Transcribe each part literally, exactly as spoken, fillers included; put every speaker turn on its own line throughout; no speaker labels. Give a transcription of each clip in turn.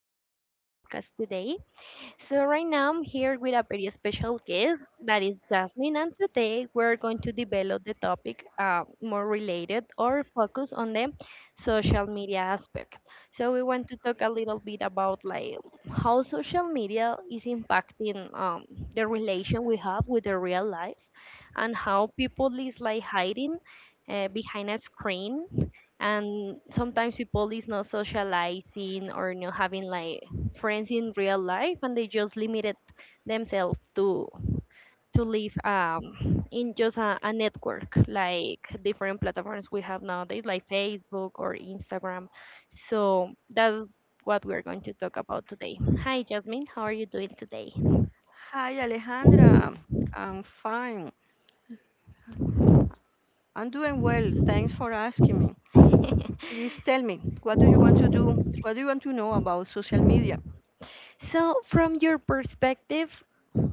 hearing our podcast today. So, right now I'm here with a very special guest that is Jasmine, and today we're going to develop the topic uh, more related or focus on the social media aspect. So, we want to talk a little bit about like how social media is impacting um, the relation we have with the real life and how people is like hiding uh, behind a screen, and sometimes people is not socializing or not having like friends in real life, and they just limited themselves to to live um, in just a, a network like different platforms we have nowadays like Facebook or Instagram. So that's what we're going to talk about today. Hi Jasmine, how are you doing today?
Hi, Alejandra. I'm fine. I'm doing well. Thanks for asking me. Please tell me, what do you want to do? What do you want to know about social media?
So from your perspective,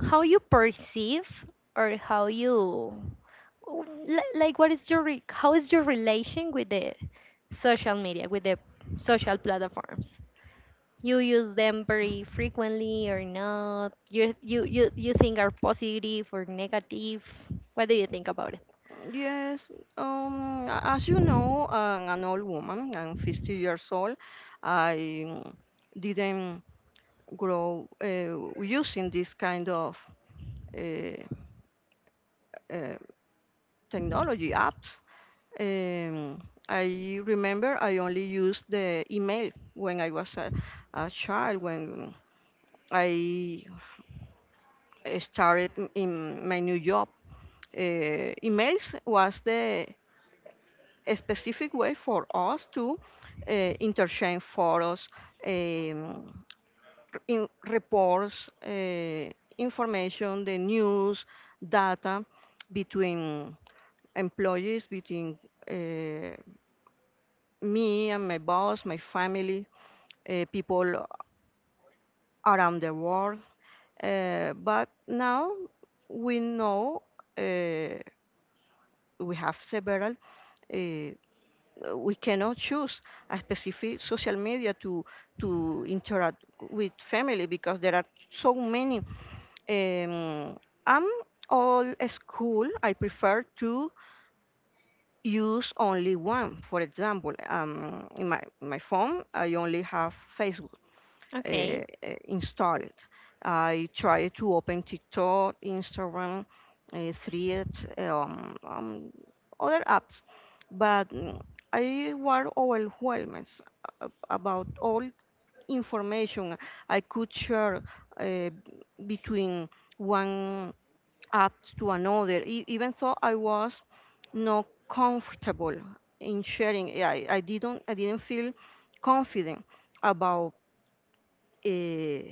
how you perceive or how you w- li- like what is your re- how is your relation with the social media, with the social platforms. You use them very frequently or not? You you you, you think are positive or negative? What do you think about it?
Mm, Yes, um, a- as you know, I'm an old woman. I'm fifty years old. I mm, didn't grow uh, using this kind of uh, uh, technology apps. Um, I remember I only used the email when I was a, a child when I started in my new job. Uh, emails was the a specific way for us to uh, interchange photos, um, in reports, uh, information, the news, data between employees, between uh, me and my boss, my family, uh, people around the world. Uh, but now we know, uh, we have several. Uh, we cannot choose a specific social media to to interact with family because there are so many. Um, I'm all school. I prefer to use only one. For example, um, in my my phone, I only have Facebook uh,
Okay.
uh, install it. I try to open TikTok, Instagram, uh, Threads, um, um, other apps, but mm, I was overwhelmed a- about all information I could share uh, between one app to another. E- even though I was not comfortable in sharing, I, I didn't I didn't feel confident about uh,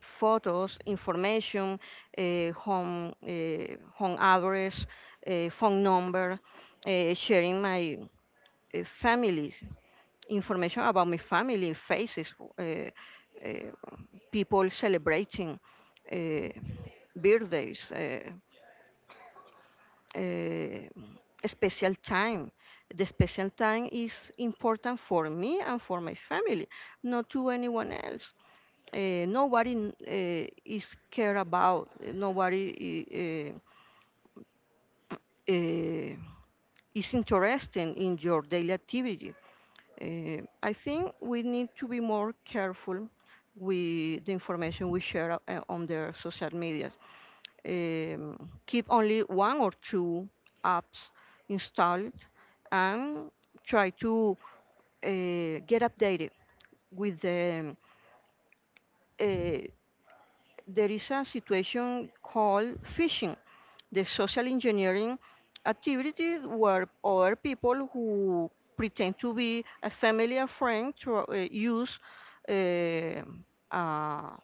photos, information, eh, home, eh, home address, eh, phone number, eh, sharing my uh, family, information about my family, faces, uh, uh, people celebrating uh, birthdays, uh, uh, special time. The special time is important for me and for my family, not to anyone else. Uh, nobody uh, is care about, uh, nobody uh, uh, is interested in your daily activity. uh, I think we need to be more careful with the information we share uh, on the social medias. um, Keep only one or two apps installed and try to uh, get updated with the. uh, there is a situation called phishing, the social engineering activity where other people who pretend to be a familiar friend to, uh, use uh, a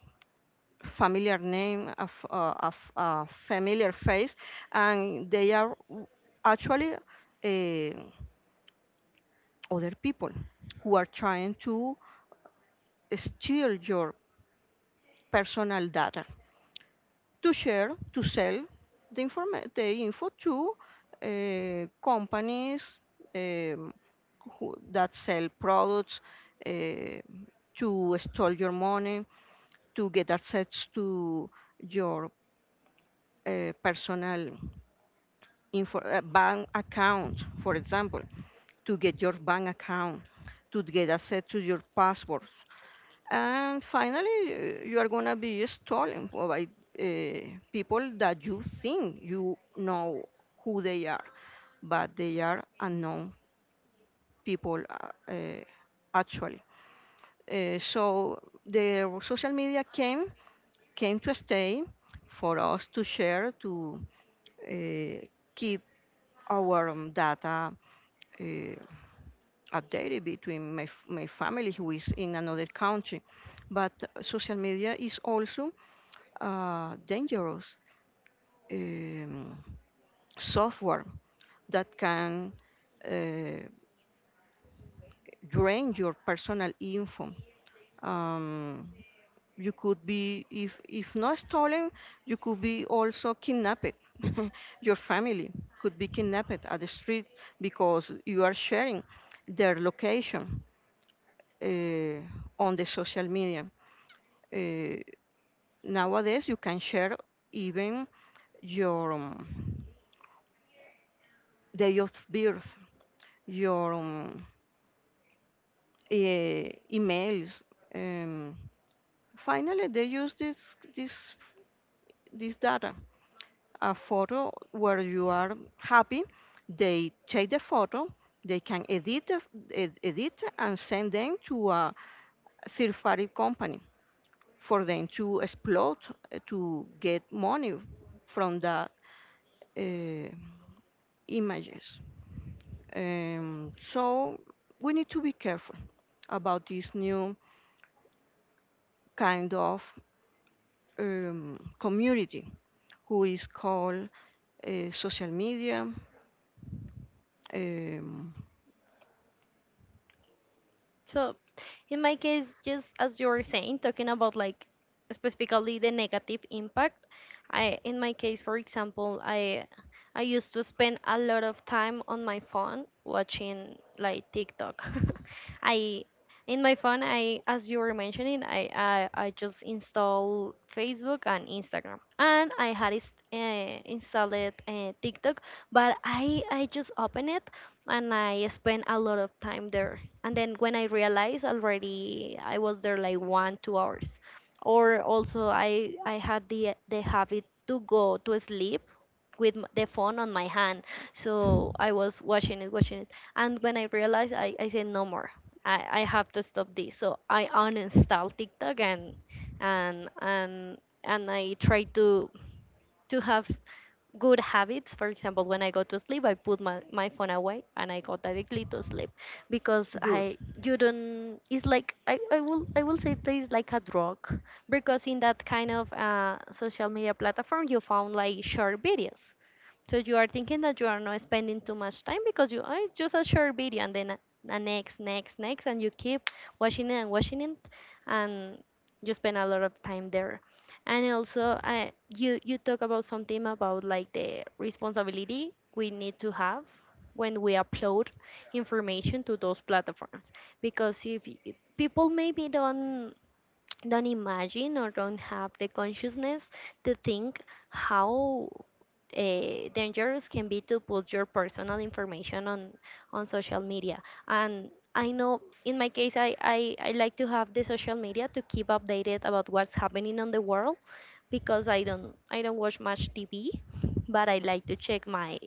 familiar name, a, f- a- a f- a familiar face, and they are w- actually uh, other people who are trying to steal your personal data, to share, to sell the, informa- the info to uh, companies, um, who, that sell products, uh, to steal your money, to get access to your uh, personal info- uh, bank account, for example, to get your bank account, to get access to your passport. And finally, uh, you are gonna be stolen for by uh, people that you think you know who they are, but they are unknown people, uh, uh, actually. Uh, so the social media came came to stay for us to share, to uh, keep our um, data uh, updated between my, f- my family who is in another country. But uh, social media is also uh, dangerous um, software that can uh, drain your personal info. Um, you could be, if, if not stolen, you could be also kidnapped. Your family could be kidnapped at the street because you are sharing their location uh, on the social media. Uh, Nowadays, you can share even your um, day of birth, your um, e- emails. Um, Finally, they use this this this data, a photo where you are happy. They take the photo. They can edit the- ed- edit and send them to a third party company for them to exploit, uh, to get money from the uh, images. Um, so we need to be careful about this new kind of um, community who is called uh, social media. um,
So, in my case, just as you were saying, talking about like specifically the negative impact, I in my case, for example, I I used to spend a lot of time on my phone watching like TikTok. I in my phone, I as you were mentioning, I I, I just install Facebook and Instagram, and I had is- uh, installed uh, TikTok, but I I just open it and I spend a lot of time there, and then when I realized, already I was there like one two hours. Or also i i had the the habit to go to sleep with m- the phone on my hand, so I was watching it, watching it, and when I realized, i, I said no more. I, I have to stop this. So I uninstalled TikTok, and and and and I tried to to have good habits. For example, when I go to sleep, I put my, my phone away and I go directly to sleep, because
Good.
I you don't it's like i, I will i will say this like a drug, because in that kind of uh, social media platform you found like short videos. So you are thinking that you are not spending too much time because you oh, it's just a short video, and then a, a next, next, next, and you keep watching it and watching it, and you spend a lot of time there. And also, uh, you you talk about something about like the responsibility we need to have when we upload information to those platforms, because if y- people maybe don't don't imagine or don't have the consciousness to think how uh, dangerous can be to put your personal information on on social media. And I know in my case I, I I like to have the social media to keep updated about what's happening on the world, because I don't I don't watch much TV, but I like to check my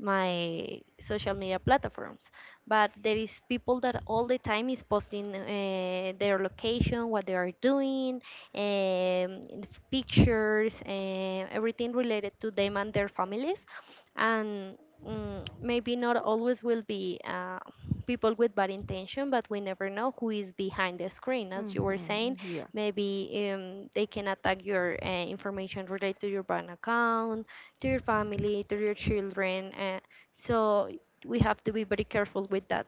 my social media platforms. But there is people that all the time is posting uh, their location, what they are doing, um, f- pictures and everything related to them and their families. And mm, maybe not always will be uh, people with bad intention, but we never know who is behind the screen, as you were saying.
Mhm. Yeah,
Maybe um, they can attack your uh, information related to your bank account, to your family, to your children. Uh, so we have to be very careful with that.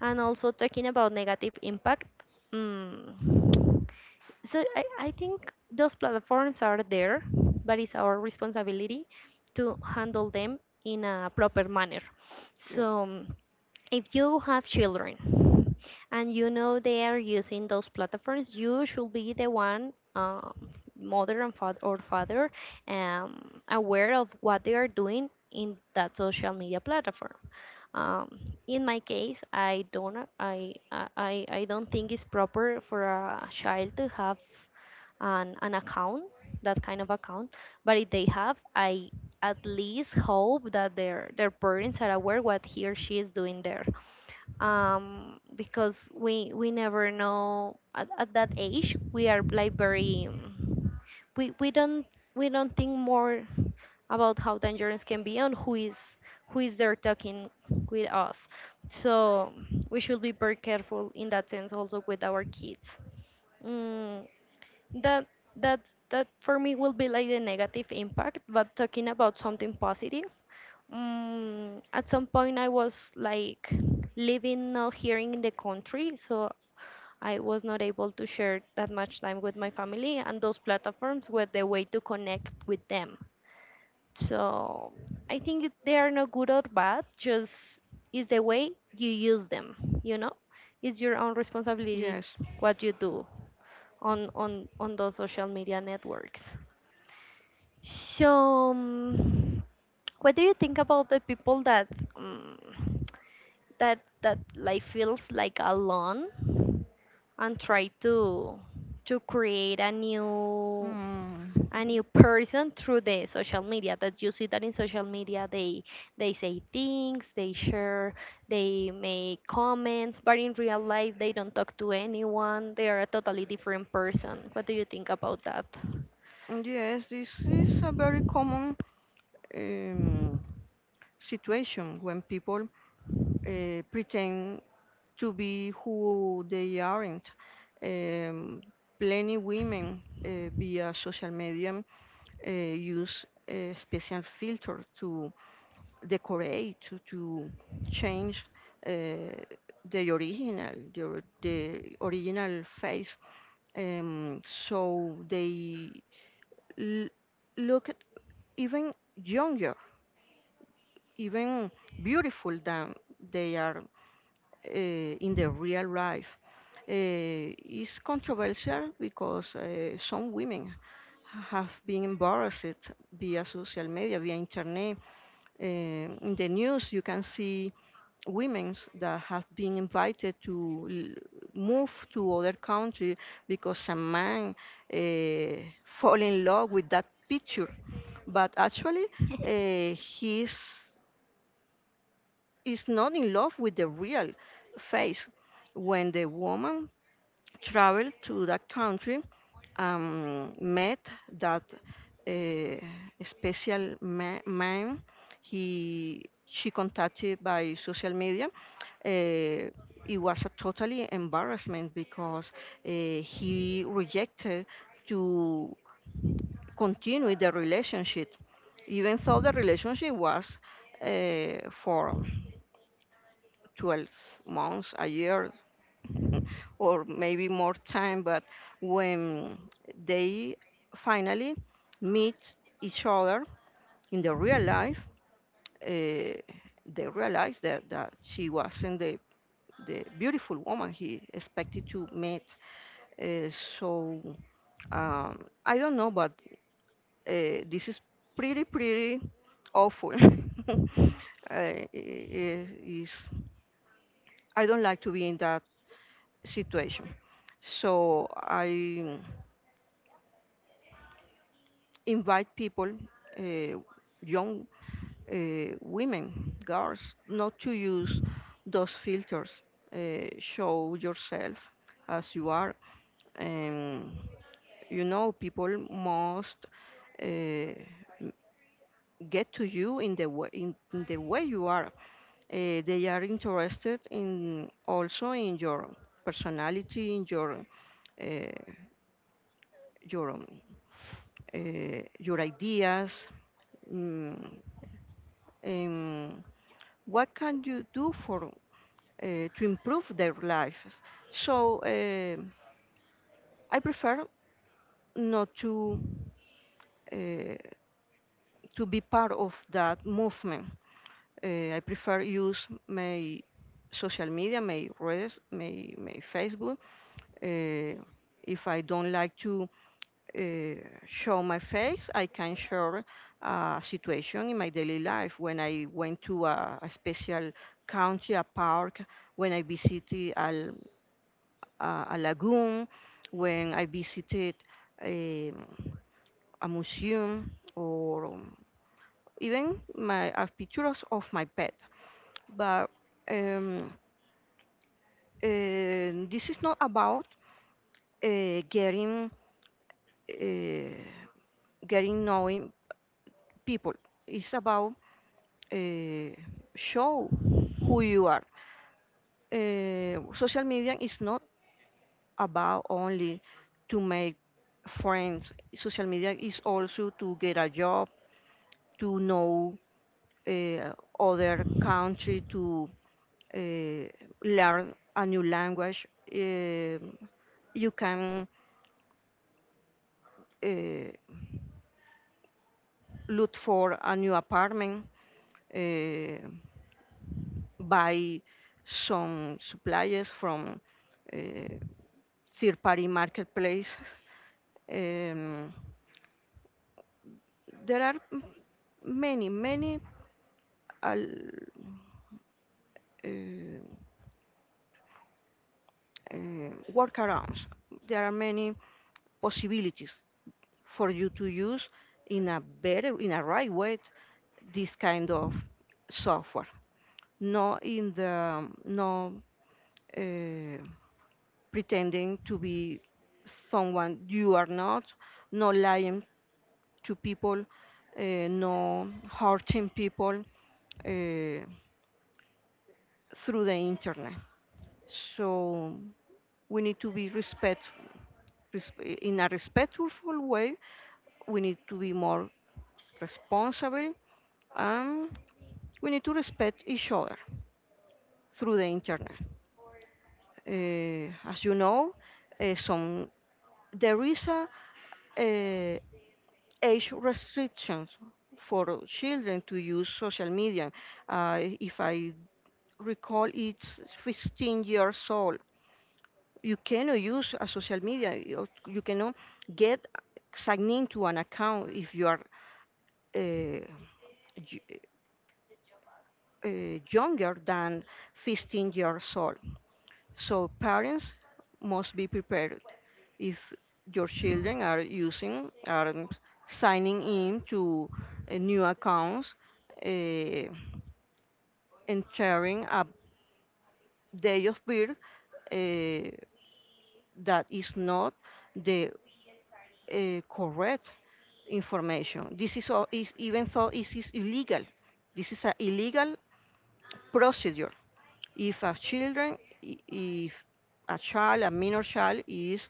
And also talking about negative impact. Mm, so I, I think those platforms are there, but it's our responsibility to handle them in a proper manner.
yeah,
So mm, if you have children and you know they are using those platforms, you should be the one, um, mother and father or father, um, aware of what they are doing in that social media platform. Um, in my case, I don't, I, I, I I don't think it's proper for a child to have an, an account, that kind of account. But if they have, I at least hope that their their parents are aware what he or she is doing there, um, because we we never know at, at that age we are like very um, we we don't we don't think more about how dangerous can be, and who is who is there talking with us. So we should be very careful in that sense also with our kids. Mm, that that that for me will be like the negative impact, but talking about something positive, mm, at some point, I was like living now here in the country, so I was not able to share that much time with my family, and those platforms were the way to connect with them. So I think it- they are not good or bad, just is the way you use them, you know? It's your own responsibility
yes.
what you do on on on those social media networks. So, um, what do you think about the people that? Um, that that life feels like alone, and try to to create a new
Mm.
a new person through the social media, that you see that in social media they they say things, they share, they make comments, but in real life they don't talk to anyone, they are a totally different person. What do you think about that?
Yes, this is a very common um, situation when people uh, pretend to be who they aren't. Um, Plenty women uh, via social media uh, use a special filter to decorate, to, to change uh, the original, the, or- the original face. Um, so they l- look even younger, even beautiful than they are uh, in the real life. Uh, it's controversial because uh, some women have been embarrassed via social media, via internet. Uh, in the news, you can see women that have been invited to l- move to other country because some man uh, fall in love with that picture. But actually, uh, he's is not in love with the real face. When the woman traveled to that country and met that uh, special ma- man, he she contacted by social media. Uh, it was a totally embarrassment because uh, he rejected to continue the relationship, even though the relationship was uh, for twelve months, a year, or maybe more time. But when they finally meet each other in the real life, uh, they realize that, that she wasn't the, the beautiful woman he expected to meet. Uh, so um, I don't know, but uh, this is pretty, pretty awful. uh, I- I- is I don't like to be in that situation. So I invite people, uh, young uh, women, girls, not to use those filters. Uh, show yourself as you are. And you know, people must uh, m- get to you in the way in, in the way you are. Uh, they are interested in also in your personality, in your uh, your um, uh, your ideas, mm, and what can you do for uh, to improve their lives. So um I prefer not to uh, to be part of that movement. Uh, I prefer use my social media, my redes, my, my Facebook. Uh, if I don't like to uh, show my face, I can share a situation in my daily life when I went to a, a special country, a park, when I visited a, l- a- a lagoon, when I visited a, a museum, or even my a pictures of my pet. But um, uh, this is not about uh, getting uh, getting knowing people. It's about uh, show who you are. Uh, social media is not about only to make friends. Social media is also to get a job, to know uh, other country, to uh, learn a new language. Um you can uh, look for a new apartment, uh, buy some supplies from uh, third party marketplace. Um, there are m- many, many al- uh, uh, workarounds. There are many possibilities for you to use in a better, in a right way, this kind of software. No, in the no uh, pretending to be someone you are not, no lying to people, uh, no hurting people Uh, through the internet. So we need to be respectful. resp- In a respectful way, we need to be more responsible and we need to respect each other through the internet. Eh, as you know, eh, some there is a eh, age restrictions for children to use social media. Uh, if I recall, it's fifteen years old. You cannot use a social media, you, you cannot get signed into an account if you are uh, y- uh, younger than fifteen years old. So parents must be prepared if your children are using are signing in to uh, new accounts, uh, entering a day of birth uh, that is not the uh, correct information. This is, all, is even though it is illegal. This is an illegal procedure. If a children, if a child, a minor child, is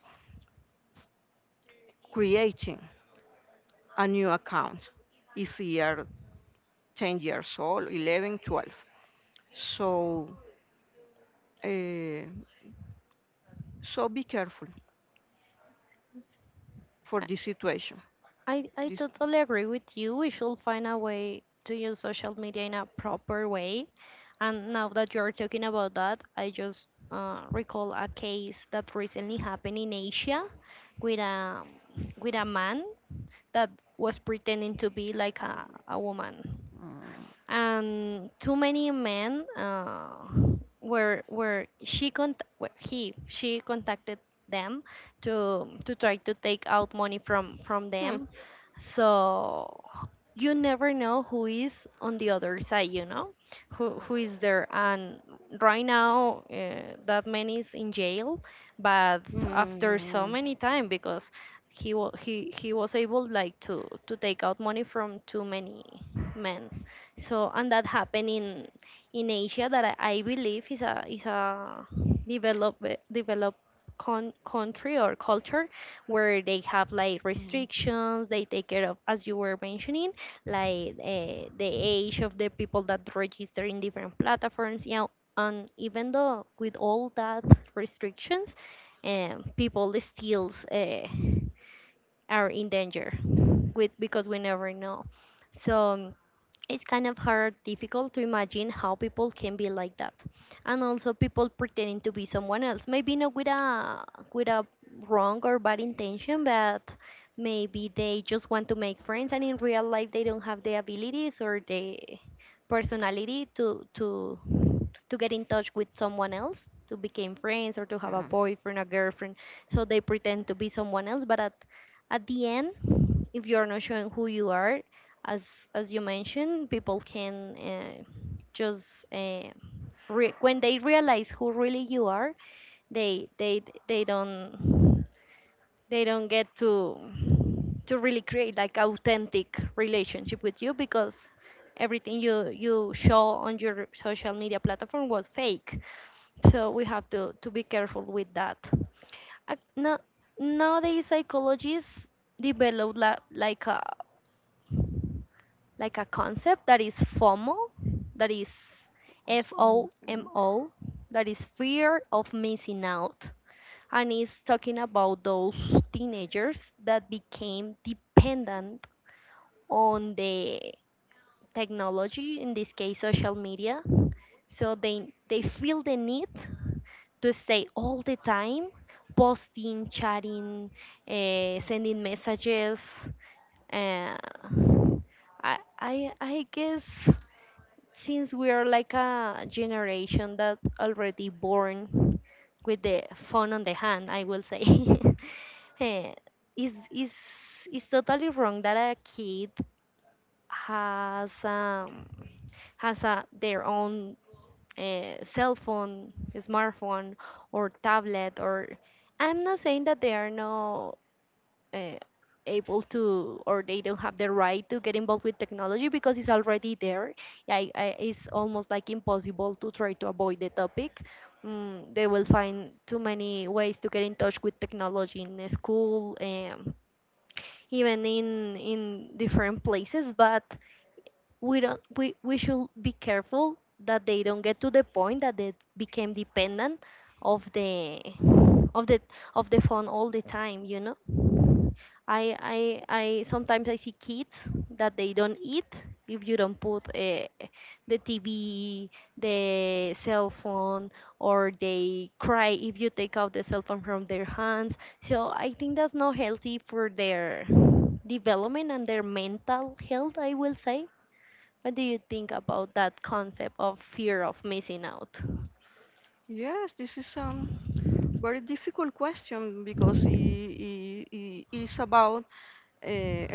creating a new account, if he are ten years old, eleven, twelve. So, uh, so be careful for this situation.
I, I
This,
totally agree with you. We should find a way to use social media in a proper way. And now that you're talking about that, I just uh, recall a case that recently happened in Asia with a with a man that was pretending to be like a, a woman.
mm.
And too many men uh, were were she cont- well, he she contacted them to to try to take out money from from
Hmm.
them. So you never know who is on the other side, you know, who who is there. And right now uh, that man is in jail, but after so
Mm.
many time, because he wa- he he was able like to to take out money from too many men. So and that happened in in Asia, that i, I believe is a is a develop developed con- country or culture, where they have like
Mm.
restrictions, they take care of, as you were mentioning, like uh, the age of the people that register in different platforms. Yeah, and even though with all that restrictions, um, people still uh, are in danger with because we never know. So it's kind of hard difficult to imagine how people can be like that. And also people pretending to be someone else, maybe not with a with a wrong or bad intention, but maybe they just want to make friends, and in real life they don't have the abilities or the personality to to to get in touch with someone else to become friends or to have a
Yeah.
boyfriend, a girlfriend. So they pretend to be someone else, but at at the end, if you're not showing who you are, as as you mentioned, people can uh, just uh, re- when they realize who really you are, they they they don't they don't get to to really create like authentic relationship with you, because everything you you show on your social media platform was fake. So we have to, to be careful with that. Ac- No, nowadays psychologists develop la, like a like a concept that is FOMO, that is F
Awesome.
O M
Yeah.
O, that is fear of missing out, and it's talking about those teenagers that became dependent on the technology, in this case social media. So they they feel the need to stay all the time posting, chatting, uh, sending messages. Uh, I, I, I guess since we are like a generation that already born with the phone on the hand, I will say, eh, is is is totally wrong that a kid has um has a, their own uh, cell phone, smartphone, or tablet, or I'm not saying that they are not uh, able to or they don't have the right to get involved with technology because it's already there. I, I, it's almost like impossible to try to avoid the topic. Mm, they will find too many ways to get in touch with technology in the school, um, even in in different places. But we don't we, we should be careful that they don't get to the point that they became dependent of the of the of the phone all the time, you know. i i I sometimes I see kids that they don't eat if you don't put uh, the TV the cell phone, or they cry if you take out the cell phone from their hands. So I think that's not healthy for their development and their mental health, I will say. What do you think about that concept of fear of missing out?
Yes, this is um very difficult question because it, it, it's about uh,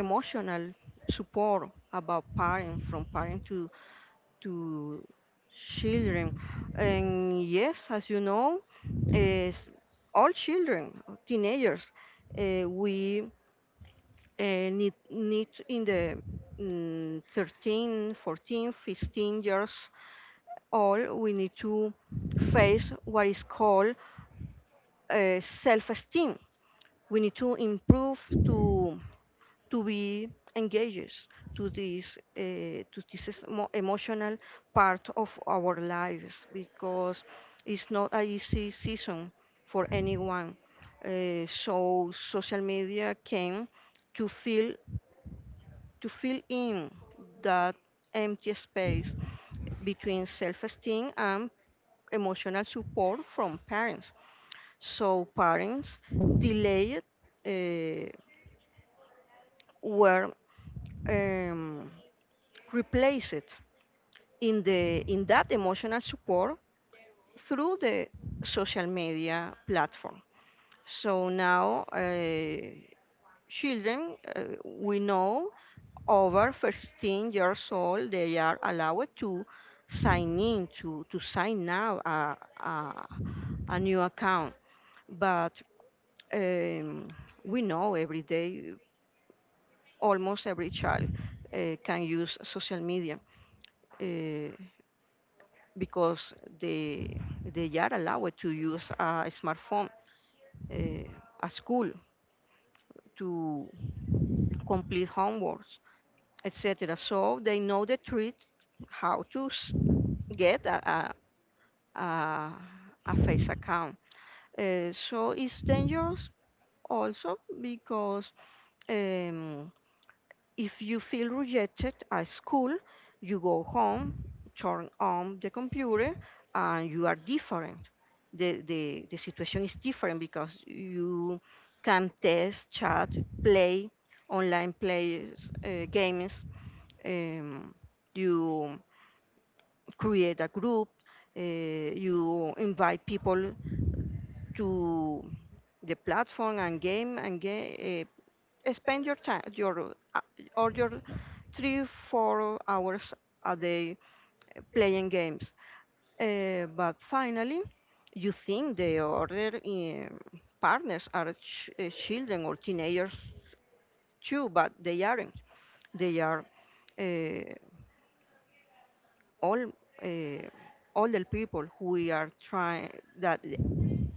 emotional support about parent from parent to to children. And yes, as you know, is all children, teenagers, eh, we eh, need, need in the mm, thirteen, fourteen, fifteen years old, we need to face what is called uh, self-esteem. We need to improve to to be engaged to this uh, to this is mo- emotional part of our lives because it's not an easy season for anyone. Uh, so social media can to fill to fill in that empty space between self-esteem and emotional support from parents. So parents delayed, uh, were um, replaced in the in that emotional support through the social media platform. So now uh, children, uh, we know over fifteen years old they are allowed to sign in to to sign now a, a, a new account. But um, we know every day almost every child uh, can use social media uh, because they they are allowed to use a smartphone uh, at school to complete homeworks, et cetera. So they know the trick how to s- get a, a, a, a face account. Uh, so it's dangerous also because. Um, If you feel rejected at school, you go home, turn on the computer, and you are different. The, the, the situation is different because you can test, chat, play online players, uh, games. Um, you create a group, uh, you invite people to the platform and game and game, spend your time your uh, or your three four hours a day playing games, uh, but finally you think the other um, partners are ch- uh, children or teenagers too, but they aren't, they are uh, all uh, older people who are trying that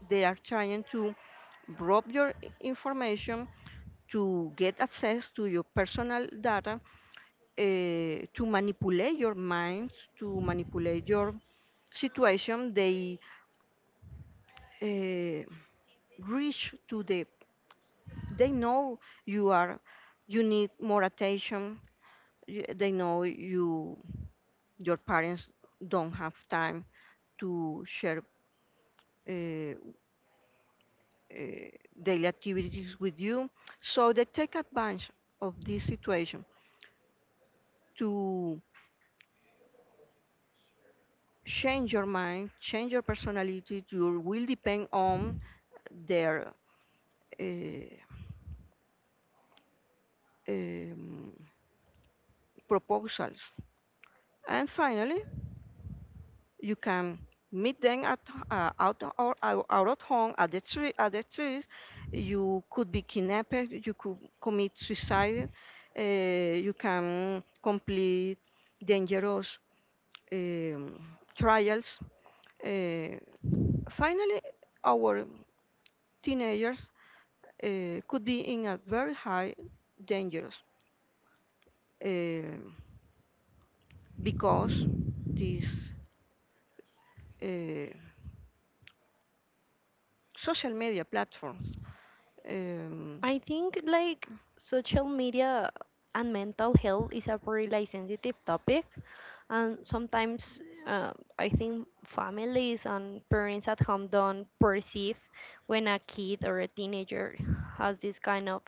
they are trying to rob your i- information to get access to your personal data, uh, to manipulate your mind, to manipulate your situation. They uh, reach to the. They know you are. You need more attention. y- They know you. Your parents don't have time to share uh, uh, daily activities with you, so they take advantage of this situation to change your mind, change your personality. You will depend on their uh, um, proposals. And finally, you can meet them at h- uh, out or out, out at home at the tree at the trees. You could be kidnapped. You could commit suicide. Uh, you can complete dangerous um, trials. Uh, Finally, our teenagers uh, could be in a very high danger um because these uh, social media platforms. Um,
I think like social media and mental health is a really sensitive topic, and sometimes uh, I think families and parents at home don't perceive when a kid or a teenager has this kind of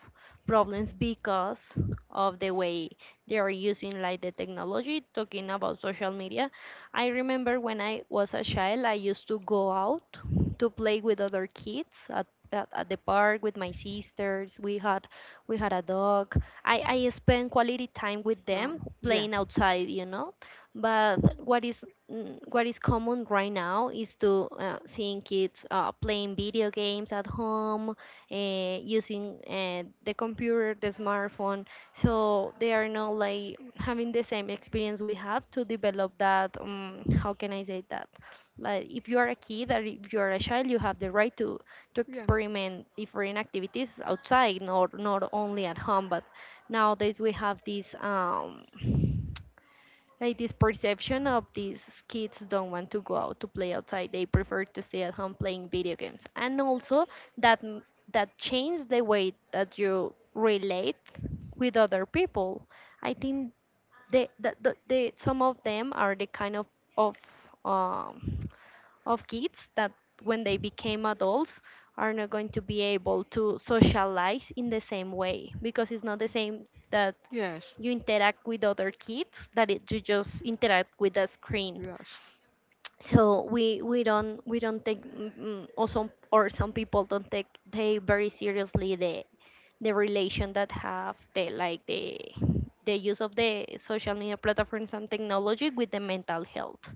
problems because of the way they are using like the technology, talking about social media. I remember when I was a child I used to go out to play with other kids at at, at the park with my sisters. We had we had a dog. I, I spend quality time with them
um, yeah,
playing outside, you know. But what is mm, what is common right now is to uh, seeing kids uh, playing video games at home, uh, using uh, the computer, the smartphone. So they are not like having the same experience we have to develop that. Um, how can I say that? Like if you are a kid or if you are a child, you have the right to to
yeah,
experiment different activities outside, not not only at home. But nowadays we have this. Um, like this perception of these kids don't want to go out to play outside, they prefer to stay at home playing video games. And also that m- that changes the way that you relate with other people. I think they that the, the some of them are the kind of of um of kids that when they became adults are not going to be able to socialize in the same way because it's not the same that
yes,
you interact with other kids, that it, you just interact with the screen.
yes,
So we we don't we don't take mm, mm, or some or some people don't take they very seriously the the relation that have the like the the use of the social media platforms and technology with the mental health.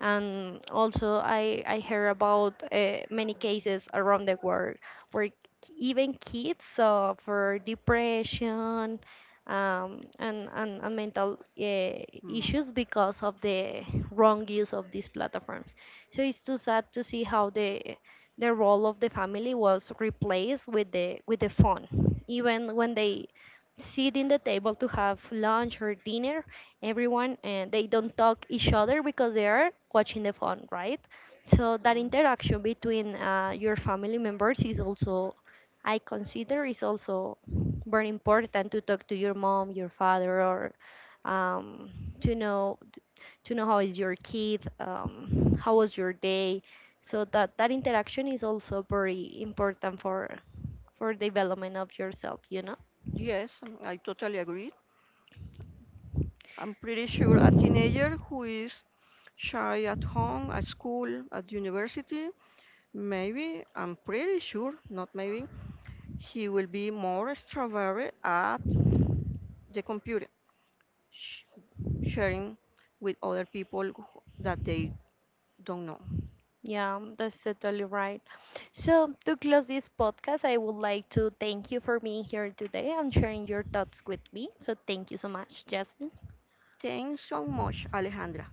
And also I I hear about uh, many cases around the world where even kids suffer depression, um, and, and, and mental uh,
mm, no,
issues because of the wrong use of these platforms. So it's too sad to see how the the role of the family was replaced with the with the phone. Even when they sit in the table to have lunch or dinner, everyone, and they don't talk each other because they are watching the phone, right. So
no.
that interaction between uh, your family members is also I consider is also very important. To talk to your mom, your father, or um, to know to know how is your kid, um, how was your day. So that that interaction is also very important for for development of yourself, you know.
Yes, um, I totally agree. I'm pretty sure a teenager who is shy at home, at school, at university, maybe, I'm pretty sure, not maybe, he will be more extroverted at the computer, sh- sharing with other people who- that they don't know.
Yeah, um, that's totally right. So, to close this podcast, I would like to thank you for being here today and sharing your thoughts with me. So, thank you so much, Jasmine.
Thanks so much, Alejandra.